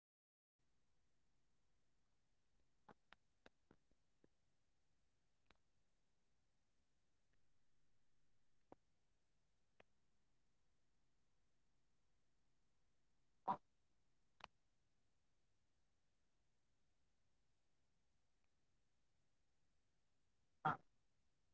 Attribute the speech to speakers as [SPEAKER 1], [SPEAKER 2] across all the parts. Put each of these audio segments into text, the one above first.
[SPEAKER 1] all of the day. So today we are asking a very powerful question like if we were given the power to the change to change the world, what changes would we actually make? And this is not about fantasy superheroes or magical solution but about real human problems and real human intention.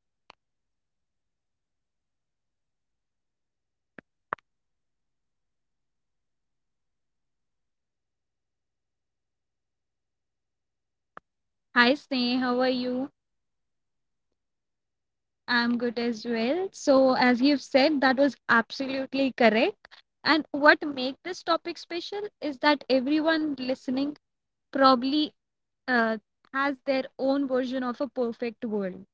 [SPEAKER 1] So that power sound exciting, but it also comes with consequences and accountability and moral choices. So to discuss about this, I have Dipanshu with me. Hi, Dipanshu.
[SPEAKER 2] Hi, Sneh. How are you?
[SPEAKER 1] I am good, what's about you?
[SPEAKER 2] I'm good as well. So, as you've said, that was absolutely correct. And
[SPEAKER 1] Hmm.
[SPEAKER 2] what make this topic special is that everyone listening probably uh, has their own version of a perfect world.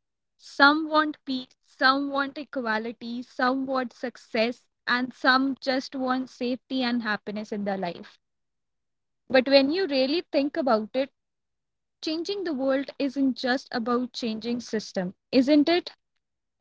[SPEAKER 1] Hmm.
[SPEAKER 2] Some want peace, some want equality, some want success, and some just want safety and happiness in their life. But when you really think about it, changing the world isn't just about changing system isn't it.
[SPEAKER 1] Hmm.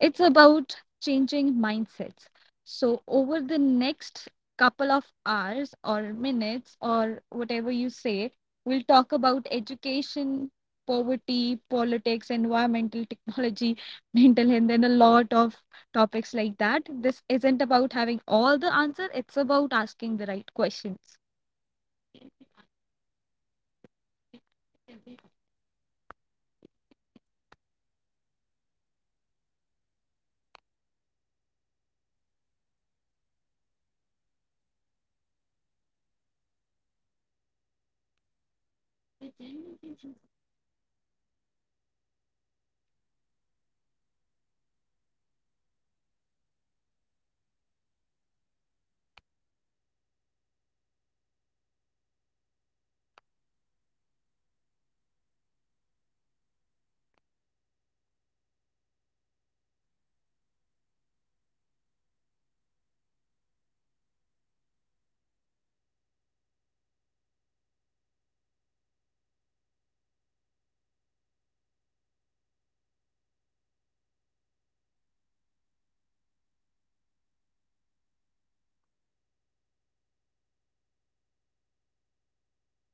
[SPEAKER 2] It's about changing mindsets. So
[SPEAKER 1] Exactly.
[SPEAKER 2] over the next couple of hours or minutes or whatever you say, we'll talk about education, poverty, politics, environmental, technology, mental health, and a lot of topics like that. This isn't about having all the answer, it's about asking the right questions.
[SPEAKER 1] Yes, Dipanshu, how beautifully you have said each and everything, and you have covered everything, I guess, like poverty and mental health, technology, environment. So, I guess this is the thing we are going to discuss, and we are not going to discuss the imaginary world like a superheroes and magical things. No, the genuine things which needs to be changed. So, yes, this topic is very good, I guess. So, let's start. So, Dipanshu, when we say power to change the world, the first thing that comes to mind is control, like a control over government and control over money, and there are so many laws and systems. But real power in my opinion is influence over how people think and how people act. If I had the power to change the world, I would not start with laws. I would start with awareness because it is the people. If the people is aware about the situation, that situation will not become negative. Because laws can be broken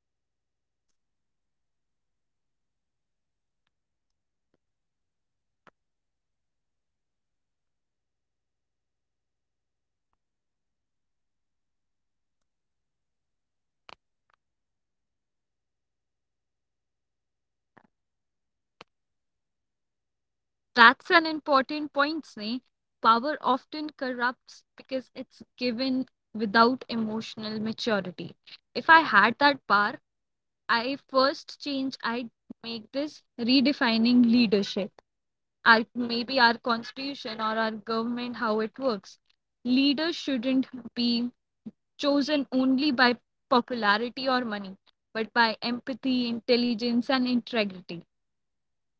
[SPEAKER 1] but values are the one who shape behavior even when no one is watching. So this is the these are the people who can change their own selves. Like if even if I, I there is no law available in my country, still I will not do any bad act. So power should not be about domination, it should be about direction. So what do you think about it?
[SPEAKER 2] That's an important point, Sneh. Power often corrupts because it's given without emotional maturity. If I had that power, I first change, I'd make this redefining leadership. Our, maybe our constitution or our government, how it works. Leaders shouldn't be chosen only by popularity or money, but by empathy, intelligence, and integrity.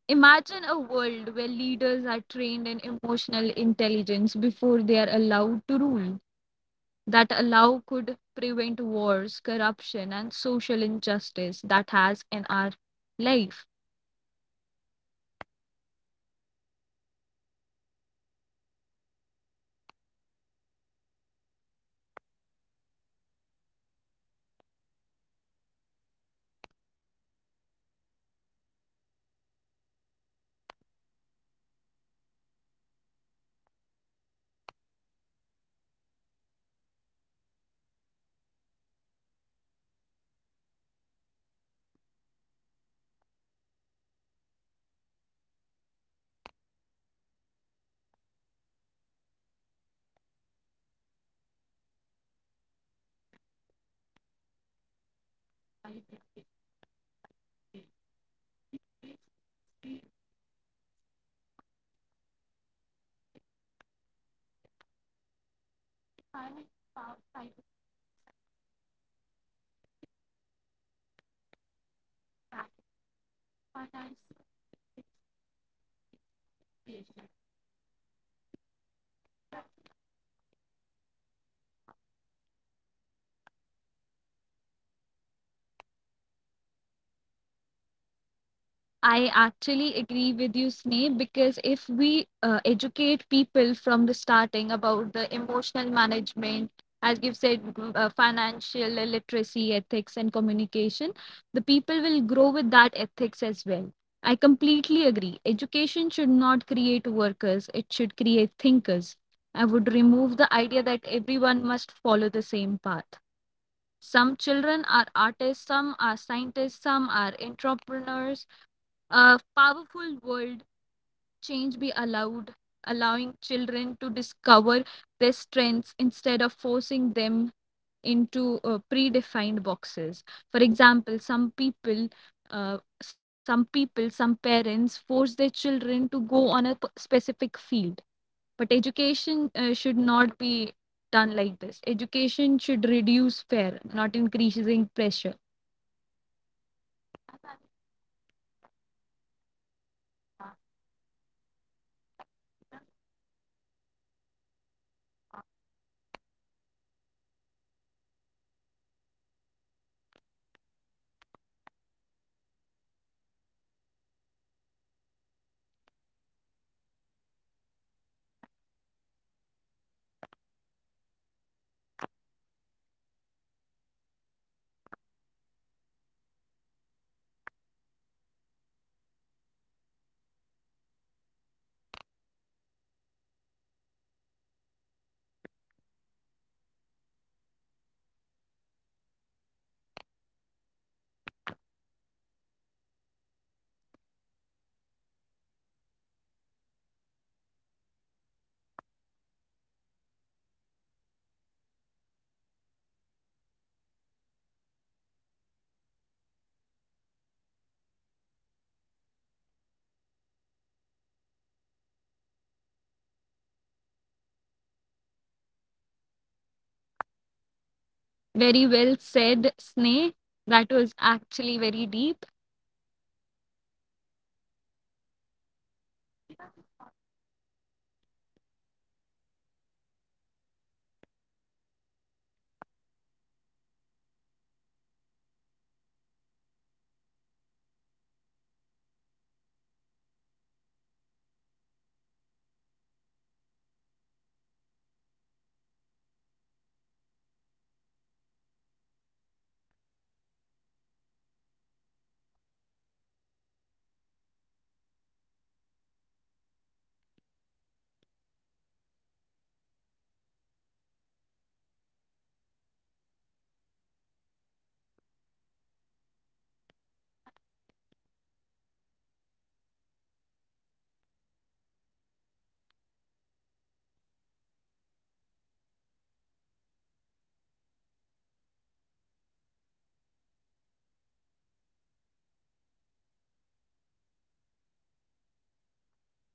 [SPEAKER 2] Imagine a world where leaders are trained in emotional intelligence before they are allowed to rule. That allow could prevent wars, corruption, and social injustice that has in our life.
[SPEAKER 1] Like how beautifully you have just explained about it, and I guess yes, we need to think about it. Emotional maturity is really very important nowadays. And yes, we need to redefine the leadership because this is the one we this is the first step we could say. So the another point I could say is, the foundation changes in the world is also very important, like education. Education is where I would begin because not just textbook and exams but life education as well. If we talk about education, there is only notebooks and study and all, but what about the life education? What about the life etiquette? In today's schools, we only focus too much on the marks and too there is too and too little on meaning. And if I had the power, I would redesign education to teach critical thinking and emotional management, financial literacy, ethics, communication. So, children should learn how to deal with failure as well, and how to respect differences, and how to question misinformation. So, what is your opinion in it, Divya, the
[SPEAKER 2] I
[SPEAKER 1] Dipanshu?
[SPEAKER 2] actually agree with you, Sneh, because if we educate people from the starting about the emotional management, as you've said, financial literacy, ethics, and communication, the people will grow with that ethics as well. I completely agree. Education should not create workers, it should create thinkers. I would remove the idea that everyone must follow the same path. Some children are artists, some are scientists, some are entrepreneurs. A powerful world change be
[SPEAKER 1] Mm.
[SPEAKER 2] allowed, allowing children to discover their strengths instead of forcing them into predefined boxes. For example, some people, some parents force their children to go on a specific field, but education should not be done like this. Education should reduce fear, not increasing pressure.
[SPEAKER 1] Yes, I really want to pick that point which you have just mentioned in the last line, the pressure. Like, there are a lot of students who feel pressure, pressure to be fast. And I have just mentioned that we are not able to, teach our children like failure is also a part of success. If you get failed, if you are not able to get good marks in the exam, and that is totally okay. Because nowadays schools are like totally dependent on the exams, and it is like exam test activity, nothing else. But we have to give moral values as well. Like where the children will get it? What about the moral? What about the emotional intelligence? But and these things are also very important, to discuss. These things are genuine and we need to, if I change the uh, if I have the power, I will definitely change the education system in the India. And it needs to be done for the children, for so that they can get mature, they can think critically instead of getting failed in the life. They will all they are already getting teased it about it in the school. So yes.
[SPEAKER 2] Very well said, Sneh. That was actually very deep.
[SPEAKER 1] Hmm. And if we are being honest, poverty is not poverty is also one of, like you just said. Like, we will also discuss about poverty. So it poverty is not caused by lack of resources, I could say. It's caused by unequal distribution. Like the world produce enough food and wealth for everyone, yet millions of people sleep hungry. And if I had the power, I would ensure that no human being struggle for basic needs like food, shelter, health care, and clean water. Survival should not be luxury. It will be for everyone. There are a lot of people who are getting more and more in their life, and then there is people who are very poor and they are just poor only. And uh, they are not having that much money so that they can spend their life in a good terms, and they are not even able to get a meal for once in a day. So this is also a thing which needs to be in highlight.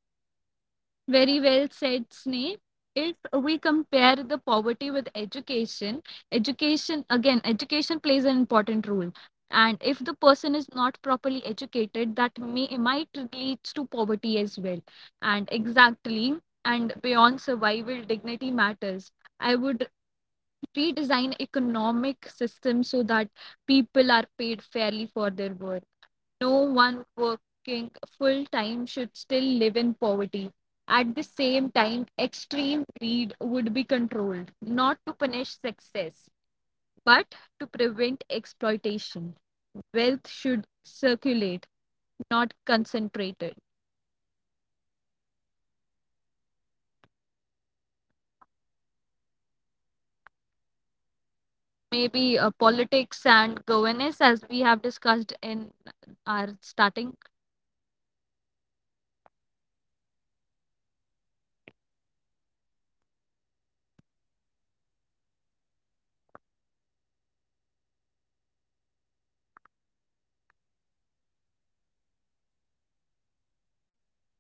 [SPEAKER 2] Very well said, Sneh. If we compare the poverty with education, education again, education plays an important role. And if the person is not properly educated, that may might leads to poverty as well. And
[SPEAKER 1] Yes.
[SPEAKER 2] exactly, and beyond survival, dignity matters. I would redesign economic system so that people are paid fairly for their work. No one working full time should still live in poverty. At the same time, extreme greed would be controlled, not to punish success, but to prevent exploitation. Wealth should circulate, not concentrated.
[SPEAKER 1] Yes, and what about the other parts? What do you think what other part is important?
[SPEAKER 2] Maybe politics and governance, as we have discussed in our starting.
[SPEAKER 1] Yes, I want to have discussion on it as well. Like politics today feels less about service and more about power struggles. And if I could change the world, I would make politics transparent and accountable.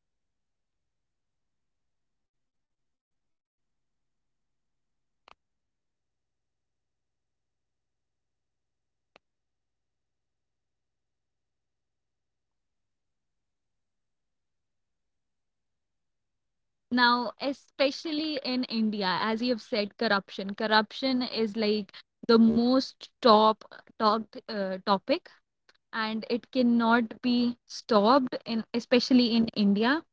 [SPEAKER 1] And every decision made by leaders, like you have just said in the previous discussion, it should be explained clearly to the public. And corruption thrives in secrecy, and sunlight is the best cure, I could say.
[SPEAKER 2] Now, especially in India, as you have said, corruption. Corruption
[SPEAKER 1] Hmm.
[SPEAKER 2] is like the most top talked topic, and it cannot be stopped in especially in India.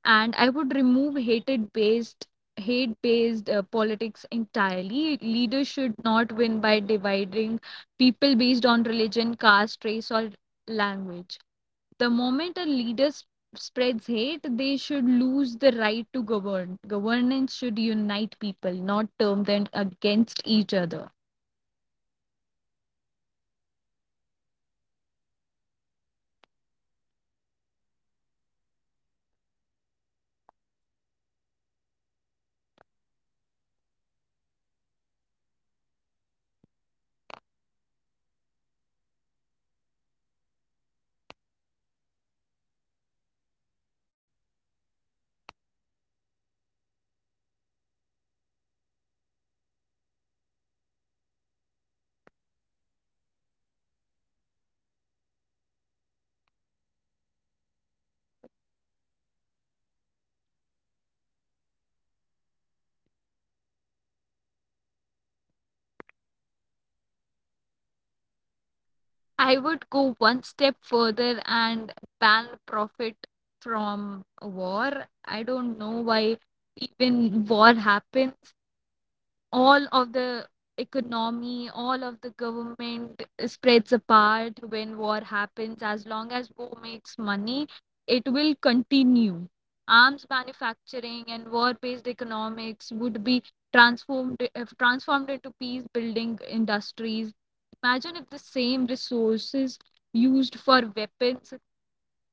[SPEAKER 1] Hmm.
[SPEAKER 2] And I would remove hate based politics entirely. Leaders should not win by dividing people based on religion, caste, race, or language. The moment a leader spreads hate, they should lose the right to govern. Governance should unite people, not turn them against each other.
[SPEAKER 1] Yes, like it should unite people, and this is a very beautiful line. And yes, this topic is very important. And the another I could say is war and peace and human conflict as well. Like war, I could say, like war is one of humanity's greatest failure. It destroys life, it destroys families and futures. So the power should be used for this as well. War would be the absolute last option, not the first response. So the conflict should be resolved through dialogue, mediation, and understanding. You know, Dipanshu, no child should grow up hearing bombs instead of, should be hearing bombs. This is not,
[SPEAKER 2] I
[SPEAKER 1] acceptable.
[SPEAKER 2] would go one step further and ban profit from war. I don't know why even war happens. All of the economy, all of the government spreads apart when war happens. As long as war makes money, it will continue. Arms manufacturing and war-based economics would be transformed if transformed into peace-building industries. Imagine if the same resources used for weapons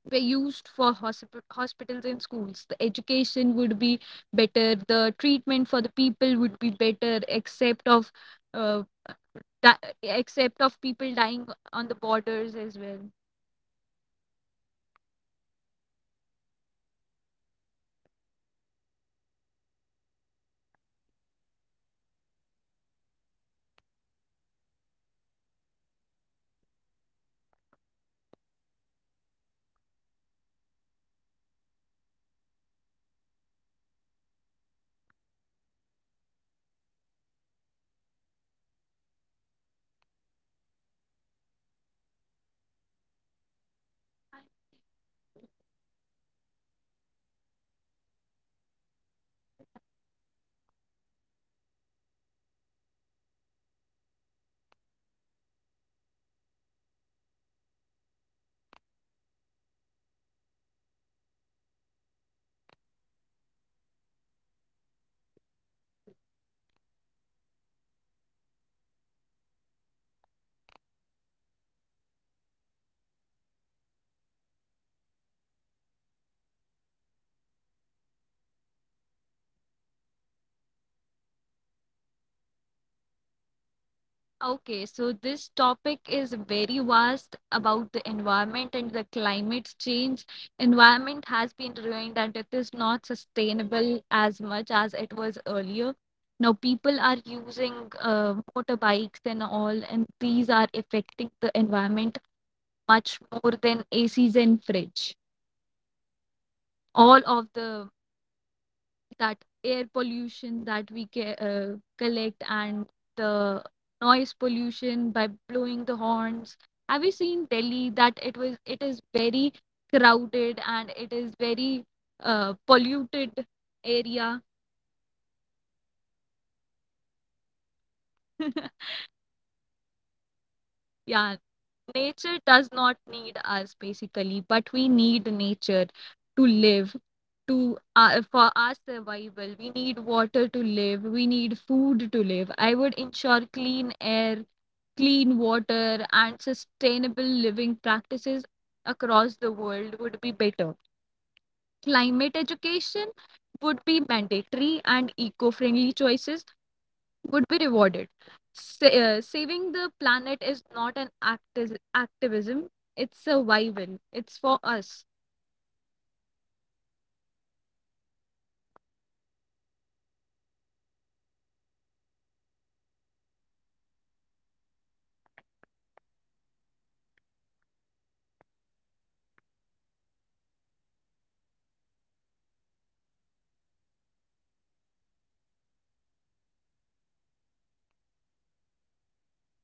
[SPEAKER 2] were used for hospitals and schools. The education would be better, the treatment for the people would be better, except of uh, di- except of people dying on the borders as well.
[SPEAKER 1] Yes, there are so many lives who are protecting the world here. The soldier, the army, they are here to protect us. So I guess war should be the last option. And what, imagine the world where we the children don't know about war. Like, what is war? We don't know about it. So how beautifully and how peaceful that world will be. And yes, war is also like, and the another topic I could say is environment and the climate change also. Okay. So the planet is not dying, it's being killed, I could say. If I you know if I had the power, environmental protection would be non negotiable. Because they nowadays there are so many pollution, there are too much pollution in the environment which cause health issue as well. Now it is also a concern. There are so many cities who are in red alert for this, and people are not able to walk because this is the pollution is, getting worse. So companies that destroy nature would be held responsible, and development should exist but not at the cost of future. What would you say?
[SPEAKER 2] Okay, so this topic is very vast about the environment and the climate change. Environment has been ruined and it is not sustainable as much as it was earlier. Now people are using motorbikes and all, and these are affecting the environment much more than ACs and fridge. All of the that air pollution that we collect, and the noise pollution by blowing the horns. Have you seen Delhi, that it was it is very crowded and it is very polluted area?
[SPEAKER 1] Yes, this is the city which was coming in my mind when I was giving example, like Delhi.
[SPEAKER 2] Yeah.
[SPEAKER 1] Yes.
[SPEAKER 2] Nature does not need us basically, but we need nature to
[SPEAKER 1] Hmm.
[SPEAKER 2] live, to for our survival. We need water to live, we need food to live. I would ensure clean air, clean water, and sustainable living practices across the world would be better.
[SPEAKER 1] Hmm.
[SPEAKER 2] Climate education would be mandatory and eco-friendly choices would be rewarded. Saving the planet is not an activism, it's survival. It's for us.
[SPEAKER 1] Hmm. Like we need to care about it. Like we are living in the earth, so we need to take care of it. It is giving too much to us, and this is people responsibility as well. So not always we need to depend on the government only. Like, they will do something, we also need to take initiate. We also need to uh, uh, take responsibility of the environment also.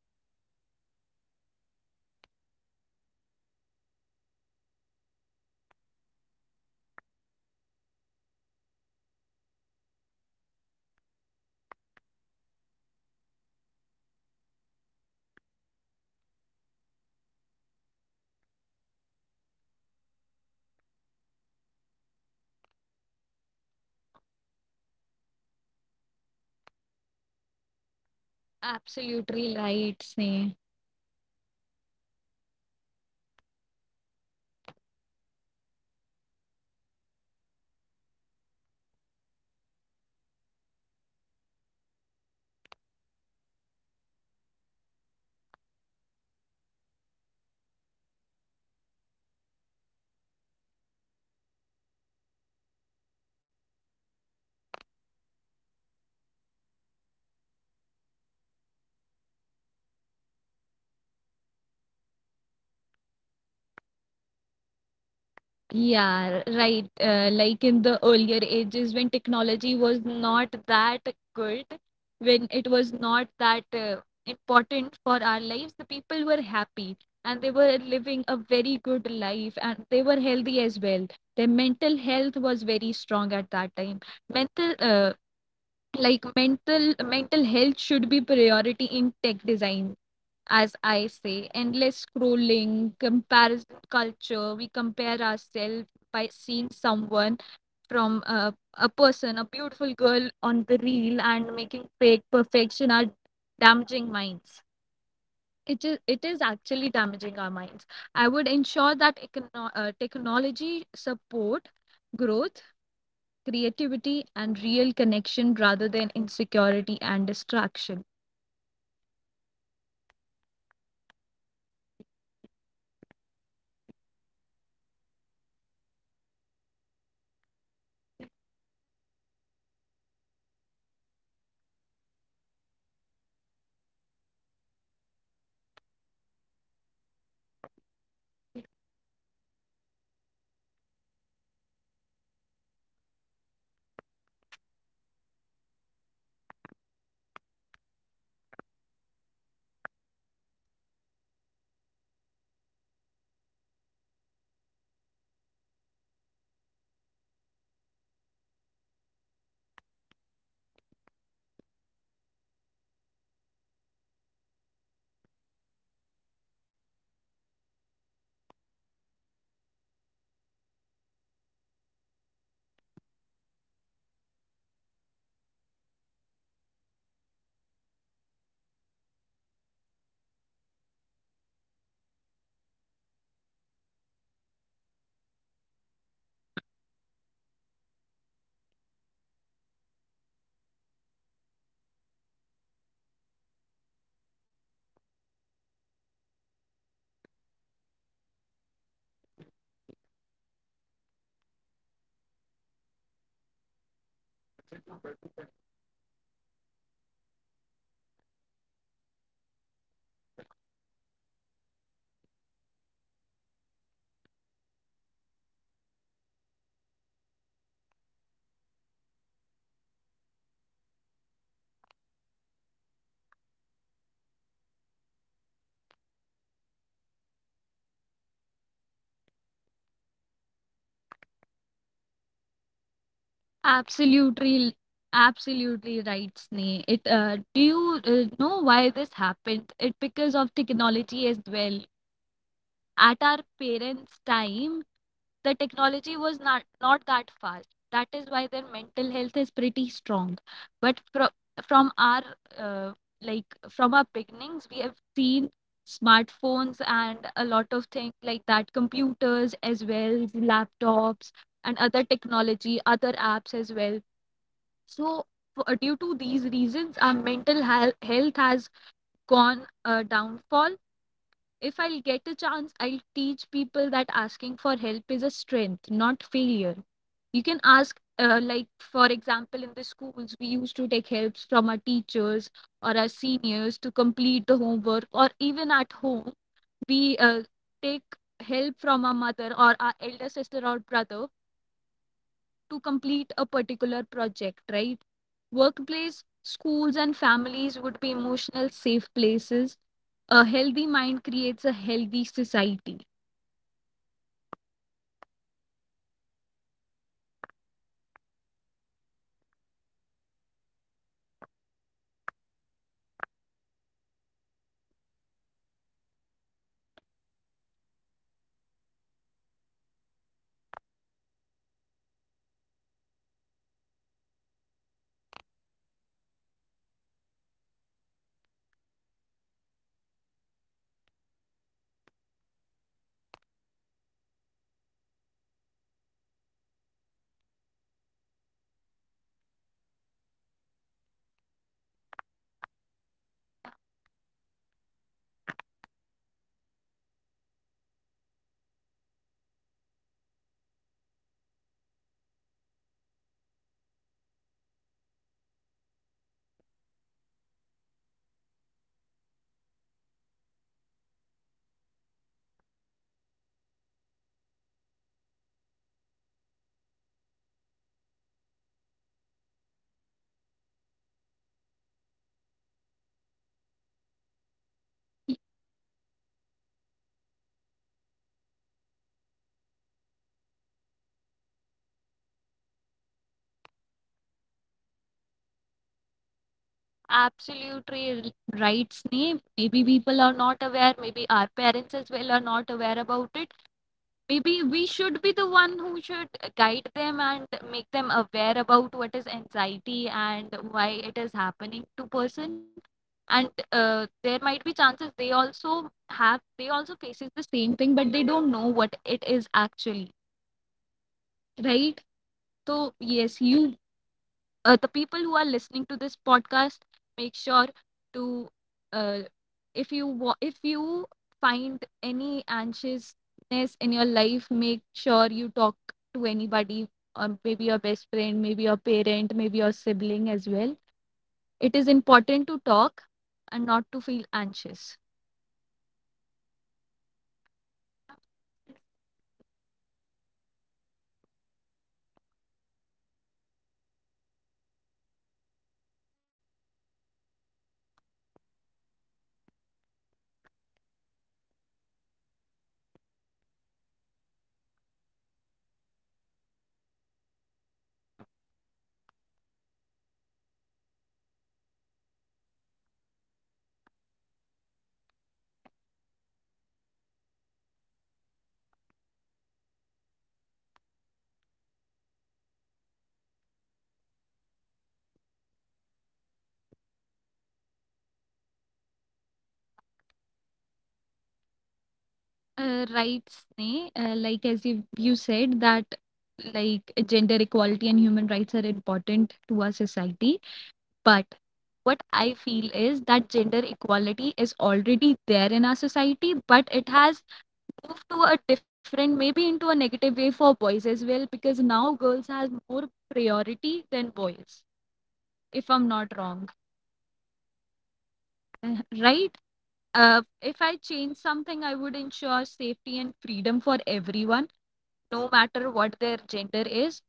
[SPEAKER 1] And the another thing I want to bring, like the technology and social media as well, Dipanshu. uh, Technology is a double-edged sword. It connects us, yet isolate us. Like, there are so many people who have so many followers, but still they feel very alone, very lonely. In the end of the day, they do not find a good friend to whom they can just have a conversation and talk about it and just there is some person who can just listen to
[SPEAKER 2] Absolutely
[SPEAKER 1] us.
[SPEAKER 2] right, Sneh.
[SPEAKER 1] Yes. So, if I could change the world, I would regulate technology to serve humanity, not control it. So, social media algorithms should promote truth and learning, not hate and addiction. Like, there are so many videos, and we are just addicted to, addictive to those videos, and those videos are not even real. Like, anyone can play a good role for 1 or 2 minutes. We all are playing, we all are like good actor, I could say. We all play a good role in our real life, like a beautiful life we are living, but no, it is not like that. So that should be a thing. What about, what is your opinion?
[SPEAKER 2] Yeah, right. Like in the earlier ages when technology was not that good, when it was not that important for our lives, the people were happy and they were living a very good life and they were healthy as well. Their mental health was very strong at that time. Mental uh, like mental mental health should be priority in tech design. As I say, endless scrolling, comparison culture, we compare ourselves by seeing someone from a person, a beautiful girl on the reel, and making fake perfection are damaging minds. It is, it is actually damaging our minds. I would ensure that technology support growth, creativity, and real connection rather than insecurity and distraction.
[SPEAKER 1] Like, this is the beautiful point which you have just bring, like the insecurity. Yes, this is, nowadays, there are a lot of people who are feeling very insecure, and the reason behind this is they are running behind perfection. But perfection is nothing. Like, no one is perfect perfect. So we need to feel very secure in ourselves only. We need to start working on ourselves. We need to, like, it is a process, and the competition should be from our own self, not from to the other. So yes, this needs to be stopped. And the another good point which you just have bring is about mental health. And yes, mental health and emotional well-being is also a concern. Like, the people who is laughing in front of us is hardly, laugh when he or she is sitting alone in their room. Like, mental health is still treated as a weakness. No, it is not a weakness. Just imagine, there is a girl who has anxiety issues, who is suffering from the mental health, but still sitting in a group like others. So how it is weak, weakness, it is, like, the person have strong ability, strong personality. That is why the person have step out of from the house. It was very, sometimes it is very difficult to just come from one room to another room, to just bring a food. So this is not a weakness. So if I had a power, like, this topic is very, close to my heart, so if I had a power, therapy and mental health care would be as normal as visiting a doctor for fever, because, you know, we are the generation where we cannot explain these things to our parent. They will not able to understand it. They will say, like, this is an excuse, you are giving, an excuse like this nothing happens. But no, but, the truth is they are also suffering from these all things, but they are not just aware about it. Still awareness is there. So
[SPEAKER 2] Absolutely,
[SPEAKER 1] yes.
[SPEAKER 2] absolutely right, Sneh. It do you know why this happened? It because
[SPEAKER 1] Mhm.
[SPEAKER 2] of technology as well.
[SPEAKER 1] Yes, this
[SPEAKER 2] At
[SPEAKER 1] is
[SPEAKER 2] our
[SPEAKER 1] one of the reasons.
[SPEAKER 2] parents' time,
[SPEAKER 1] Hmm.
[SPEAKER 2] the technology was not, not that fast. That is
[SPEAKER 1] Hmm.
[SPEAKER 2] why their mental health is pretty strong. But
[SPEAKER 1] Hmm.
[SPEAKER 2] from our uh, like from our beginnings, we have seen smartphones and a lot of things like that, computers as well, laptops and other technology, other apps as well. So for, due to these reasons, our health has gone downfall. If I'll get a chance, I'll teach people that asking for help is a strength, not failure. You can
[SPEAKER 1] Hmm.
[SPEAKER 2] ask, like, for example, in the schools, we used to take helps from our teachers or our seniors to complete the homework, or even at home, we take help from our mother or our elder sister or brother
[SPEAKER 1] Hmm.
[SPEAKER 2] to complete a particular project, right?
[SPEAKER 1] Hmm. Yes.
[SPEAKER 2] Workplace, schools, and families would be emotional safe places. A healthy mind creates a healthy society.
[SPEAKER 1] Yes, healthy mind should be there. Each and every person should be healthy, whether it is a physical or mental health. They should feel healthy, healthy, and but about emotional pain, you know, emotional pain is real, and ignoring it or only make it worse. And like you just have said, the, in our previous generation, our parent have strong mental health. But I could say that the depression chances were more in our parenthood, like, parent, not in us. In today's generation we are more having anxiety issue, and the reason behind this is because, they were not able to tell anything to anyone. Like, nowadays, even though if I have a friend, I can easily say, like, I'm i'm feeling anxious nowadays, and the friend will take care of me for certain time period. But our parent do not have anyone to whom they can express. Even they their own self was not able to understand what is happening with them. So they just keep their things inside their heart, and there is no one to tell about it. And, what happen is nowadays we can see our father barely talk. So what is the sign of it? They are not mentally healthy. Still they are, you know, part of it. So it should be there. We need to talk about it, whether to our friend, whether to anyone. Like, we need to seek, and if it is getting worse and we are not able to take it, then we need to seek professional help as well.
[SPEAKER 2] Absolutely right, Sneh. Maybe people are not aware, maybe our parents as well are not aware about it. Maybe we should be the one who should guide them and make them aware about what is anxiety and why it is happening to person. And there might be chances they also have, they also faces the same thing, but they don't know what it is actually, right?
[SPEAKER 1] Yes, yes.
[SPEAKER 2] So yes, you, the people who are listening to this podcast, make sure to uh, if you if you find any anxiousness in your life, make sure you talk to anybody. Maybe your best friend, maybe your parent, maybe your sibling as well.
[SPEAKER 1] Hmm.
[SPEAKER 2] It is important to talk and not to feel anxious.
[SPEAKER 1] Yes, well said. Now, just let's move to the other parts as well. Before, closing the topic, we just cover each and every point we could cover, we can cover. So the next point which is coming in my mind is gender equality and human rights. You know, nowadays I could say gender equality is there, it is in an improving trend, I could say, but not fully. Equality is not a favor. It's a right, and everyone should have it. So if I could change the word, gender, caste, race or background would never limit opportunity. It should, the opportunity should be for everyone equally. And respect would be taught from childhood, not enforced by fear.
[SPEAKER 2] Right Sneh, like as you, you said that like gender equality and human rights are important to our society, but what I feel is that gender equality is already there in our society, but it has moved to a different, maybe into a negative way for boys as well, because now girls have more priority than boys,
[SPEAKER 1] Hmm.
[SPEAKER 2] if I'm not
[SPEAKER 1] Yes,
[SPEAKER 2] wrong,
[SPEAKER 1] yes, yes.
[SPEAKER 2] right?
[SPEAKER 1] Yes,
[SPEAKER 2] If I change something, I would ensure safety and freedom for everyone, no matter what their gender is.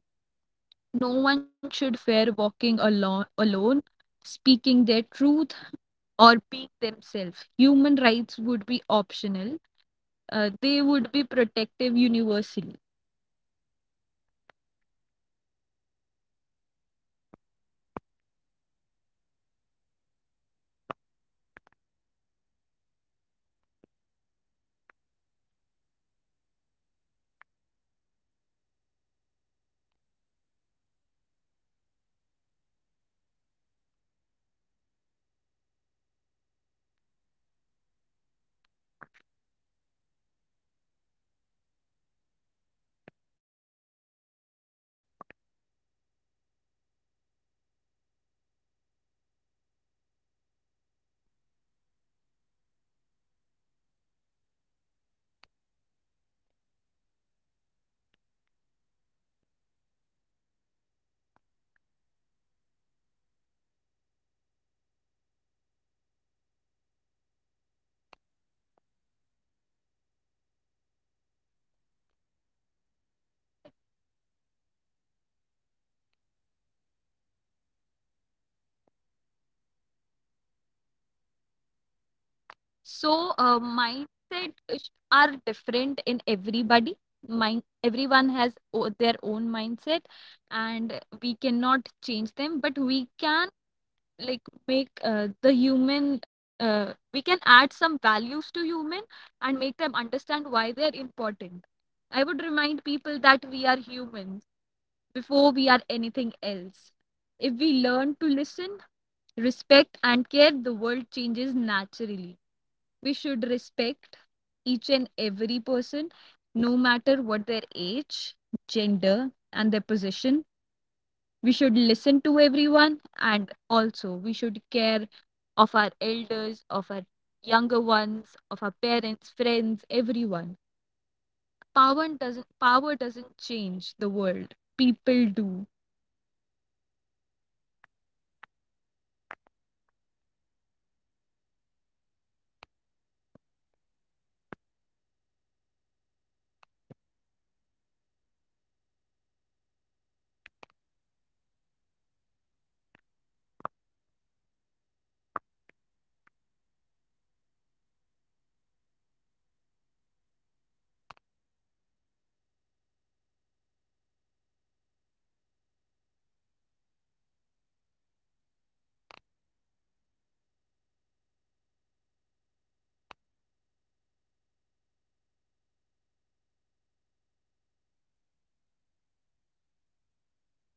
[SPEAKER 2] No one should fear walking alone, speaking their truth or being themselves. Human rights would be optional, they would be protective universally.
[SPEAKER 1] yes, I guess this is the thing. Like, everyone should feel secure while, you know, going on a walk, even though if it is dark, even though it is in a day, still we need to feel secure and, without fear, we can just go anywhere. This is a world which I imagine, and I hope one day it should be. And, all of the people will be so helpful and positive, and we will not have fear of any other person. So, yes. And another last point I would like to bring is changing human values. At the core of all change is mindset. Like you said, mindset is very important, how a person is. So if I had ultimate power, I would promote kindness, I would promote empathy, and responsibility. Because in the end, people makes the world better. So the mindset should be changed. Success would not be measured only by money, but by impact. So how impactful the mindset is, this is most important thing.
[SPEAKER 2] So, mindset are different in everybody. Mind,
[SPEAKER 1] Yes.
[SPEAKER 2] everyone has their own mindset,
[SPEAKER 1] Yes.
[SPEAKER 2] and we cannot change them, but we can like make the human we can add some values to human and make them understand why they're important. I
[SPEAKER 1] Hmm.
[SPEAKER 2] would remind people that we are human
[SPEAKER 1] Hmm.
[SPEAKER 2] before we are anything else. If we
[SPEAKER 1] Yes.
[SPEAKER 2] learn to listen, respect, and care, the world changes naturally.
[SPEAKER 1] Hmm.
[SPEAKER 2] We should respect each and every person, no matter what their age,
[SPEAKER 1] Hmm.
[SPEAKER 2] gender, and their position.
[SPEAKER 1] Hmm.
[SPEAKER 2] We should listen to everyone, and
[SPEAKER 1] Hmm.
[SPEAKER 2] also we should care of our elders, of our younger ones, of our parents, friends, everyone.
[SPEAKER 1] Hmm.
[SPEAKER 2] Power doesn't change the world. People do.
[SPEAKER 1] Yes. And, yes, I guess if we learn to listen, and if we learn to respect and care, the world automatically change. There are a lot of, you know, news we are getting nowadays where, you know, we are not taking care of our parent. The person is, you know, getting killed by the another person. So these are the things which scared me a lot. So the world would be very beautiful if these all things just get erased, and there should be a positive mind only. I totally understand that mindset is different as per the person. But what if the person, all of the person have a good and beautiful mindset, a positive mindset, then I guess crime will decrease automatically.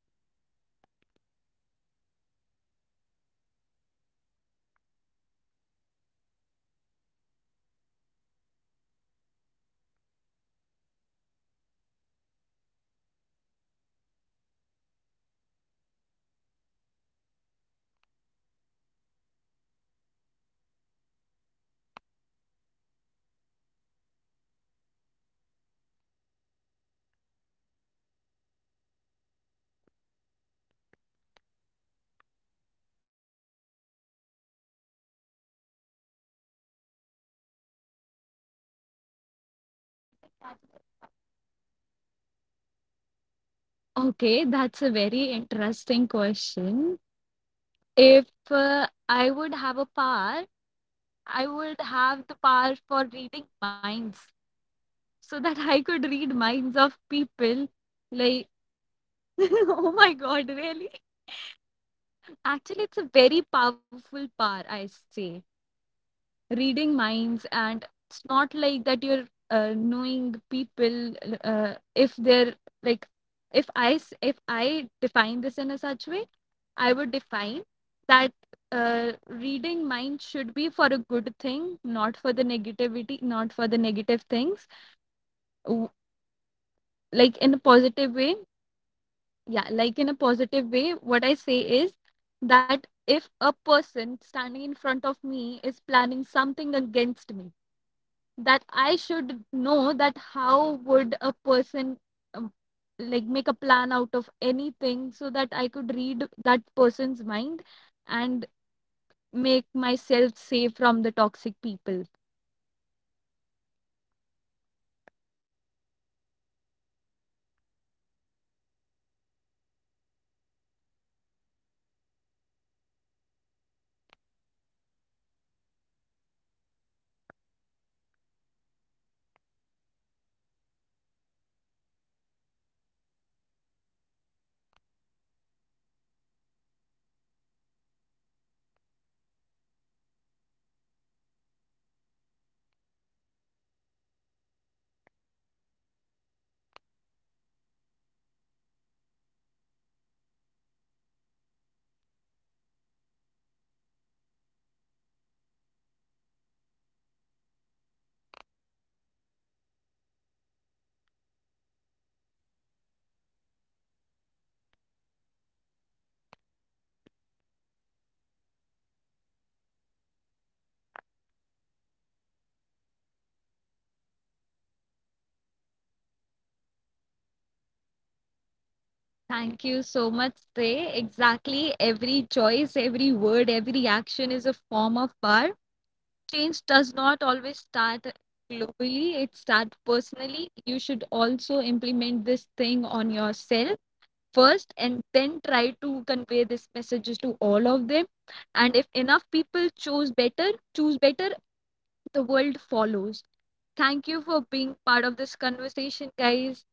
[SPEAKER 1] And these are the changes, I guess, needs to be there. Like, we have discussed each and everything about mental health, gender equality, technology. And that was a wonderful discussion with you. I really like the points which we have discussed today, and I really imagine the world where these all points should be, you know, should be there, and the world will be like this only. And before, closing this discussion, I would like to ask one question to you. Like, we have just discussed about the real human things, but still for the fun, what, the one fictional power would you like to have? Like the imaginary power. What power will you like?
[SPEAKER 2] Okay, that's a very interesting question. If
[SPEAKER 1] Yes.
[SPEAKER 2] I would have a power,
[SPEAKER 1] Hmm.
[SPEAKER 2] I would have the power for reading minds
[SPEAKER 1] Hmm,
[SPEAKER 2] so
[SPEAKER 1] that
[SPEAKER 2] that
[SPEAKER 1] will
[SPEAKER 2] I
[SPEAKER 1] be
[SPEAKER 2] could
[SPEAKER 1] very
[SPEAKER 2] read
[SPEAKER 1] great.
[SPEAKER 2] minds of people.
[SPEAKER 1] You stole
[SPEAKER 2] Like,
[SPEAKER 1] mine.
[SPEAKER 2] oh my God, really?
[SPEAKER 1] Yes.
[SPEAKER 2] Actually, it's a very powerful power, I say.
[SPEAKER 1] Yes. Yes.
[SPEAKER 2] Reading minds, and it's not like that you're knowing people, if they're, like, if I define this in a such way, I would define that reading mind should be for a good thing, not for the negativity, not for the negative things. Like in a
[SPEAKER 1] Yes.
[SPEAKER 2] positive way, yeah, like in a
[SPEAKER 1] Yes.
[SPEAKER 2] positive way, what I say is that if a person standing in front of me is planning something against me, that I should know that how would a person um, like make a plan out of anything so that I could read that person's mind and
[SPEAKER 1] Yes.
[SPEAKER 2] make myself safe from the toxic people.
[SPEAKER 1] Yes, very well said. And I just said, like, you just told my point. So I also like to read. Like, I would also like to have that superpower, reading mind. But, yeah, and, that's all about today's topic. And that was so good. So the conclusion is, if we had the power to change the world, we would not use it to control people. We had used it to empower them, and we would not create fear. We we had create understanding. And maybe, the real question is not whether we have the power, but whether we are using the small power we already have. Nowadays people are having power, like, we can control ourselves to, you know, being a negative person and a toxic person. And the person can control their mindset. The crime should be controlled by a person only. So these are the things which should be taught in the school, and the person should start improving themselves so that these all things can happen. So thank you so much, Dipanshu, for, you know, for having a discussion with me, like, on this topic.
[SPEAKER 2] Thank you so much, Say. Exactly. Every choice, every word, every action is a form of power. Change does not always start globally, it starts personally. You should also implement this thing on yourself first and then try to convey this messages to all of them. And if enough people choose better, the world follows. Thank you for being part of this conversation, guys.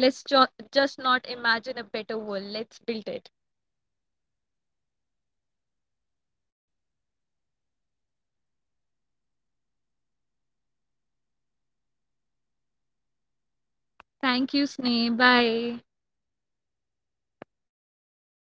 [SPEAKER 1] Yes.
[SPEAKER 2] just not imagine a better world. Let's build it.
[SPEAKER 1] Yes, let's build it together. So thank you so much, Dipanshu, and that was a lovely conversation. We will meet with in our next post podcast. Thank you, and bye bye, take care of yourself.
[SPEAKER 2] Thank you, Sneh. Bye.
[SPEAKER 1] Bye. Yeah.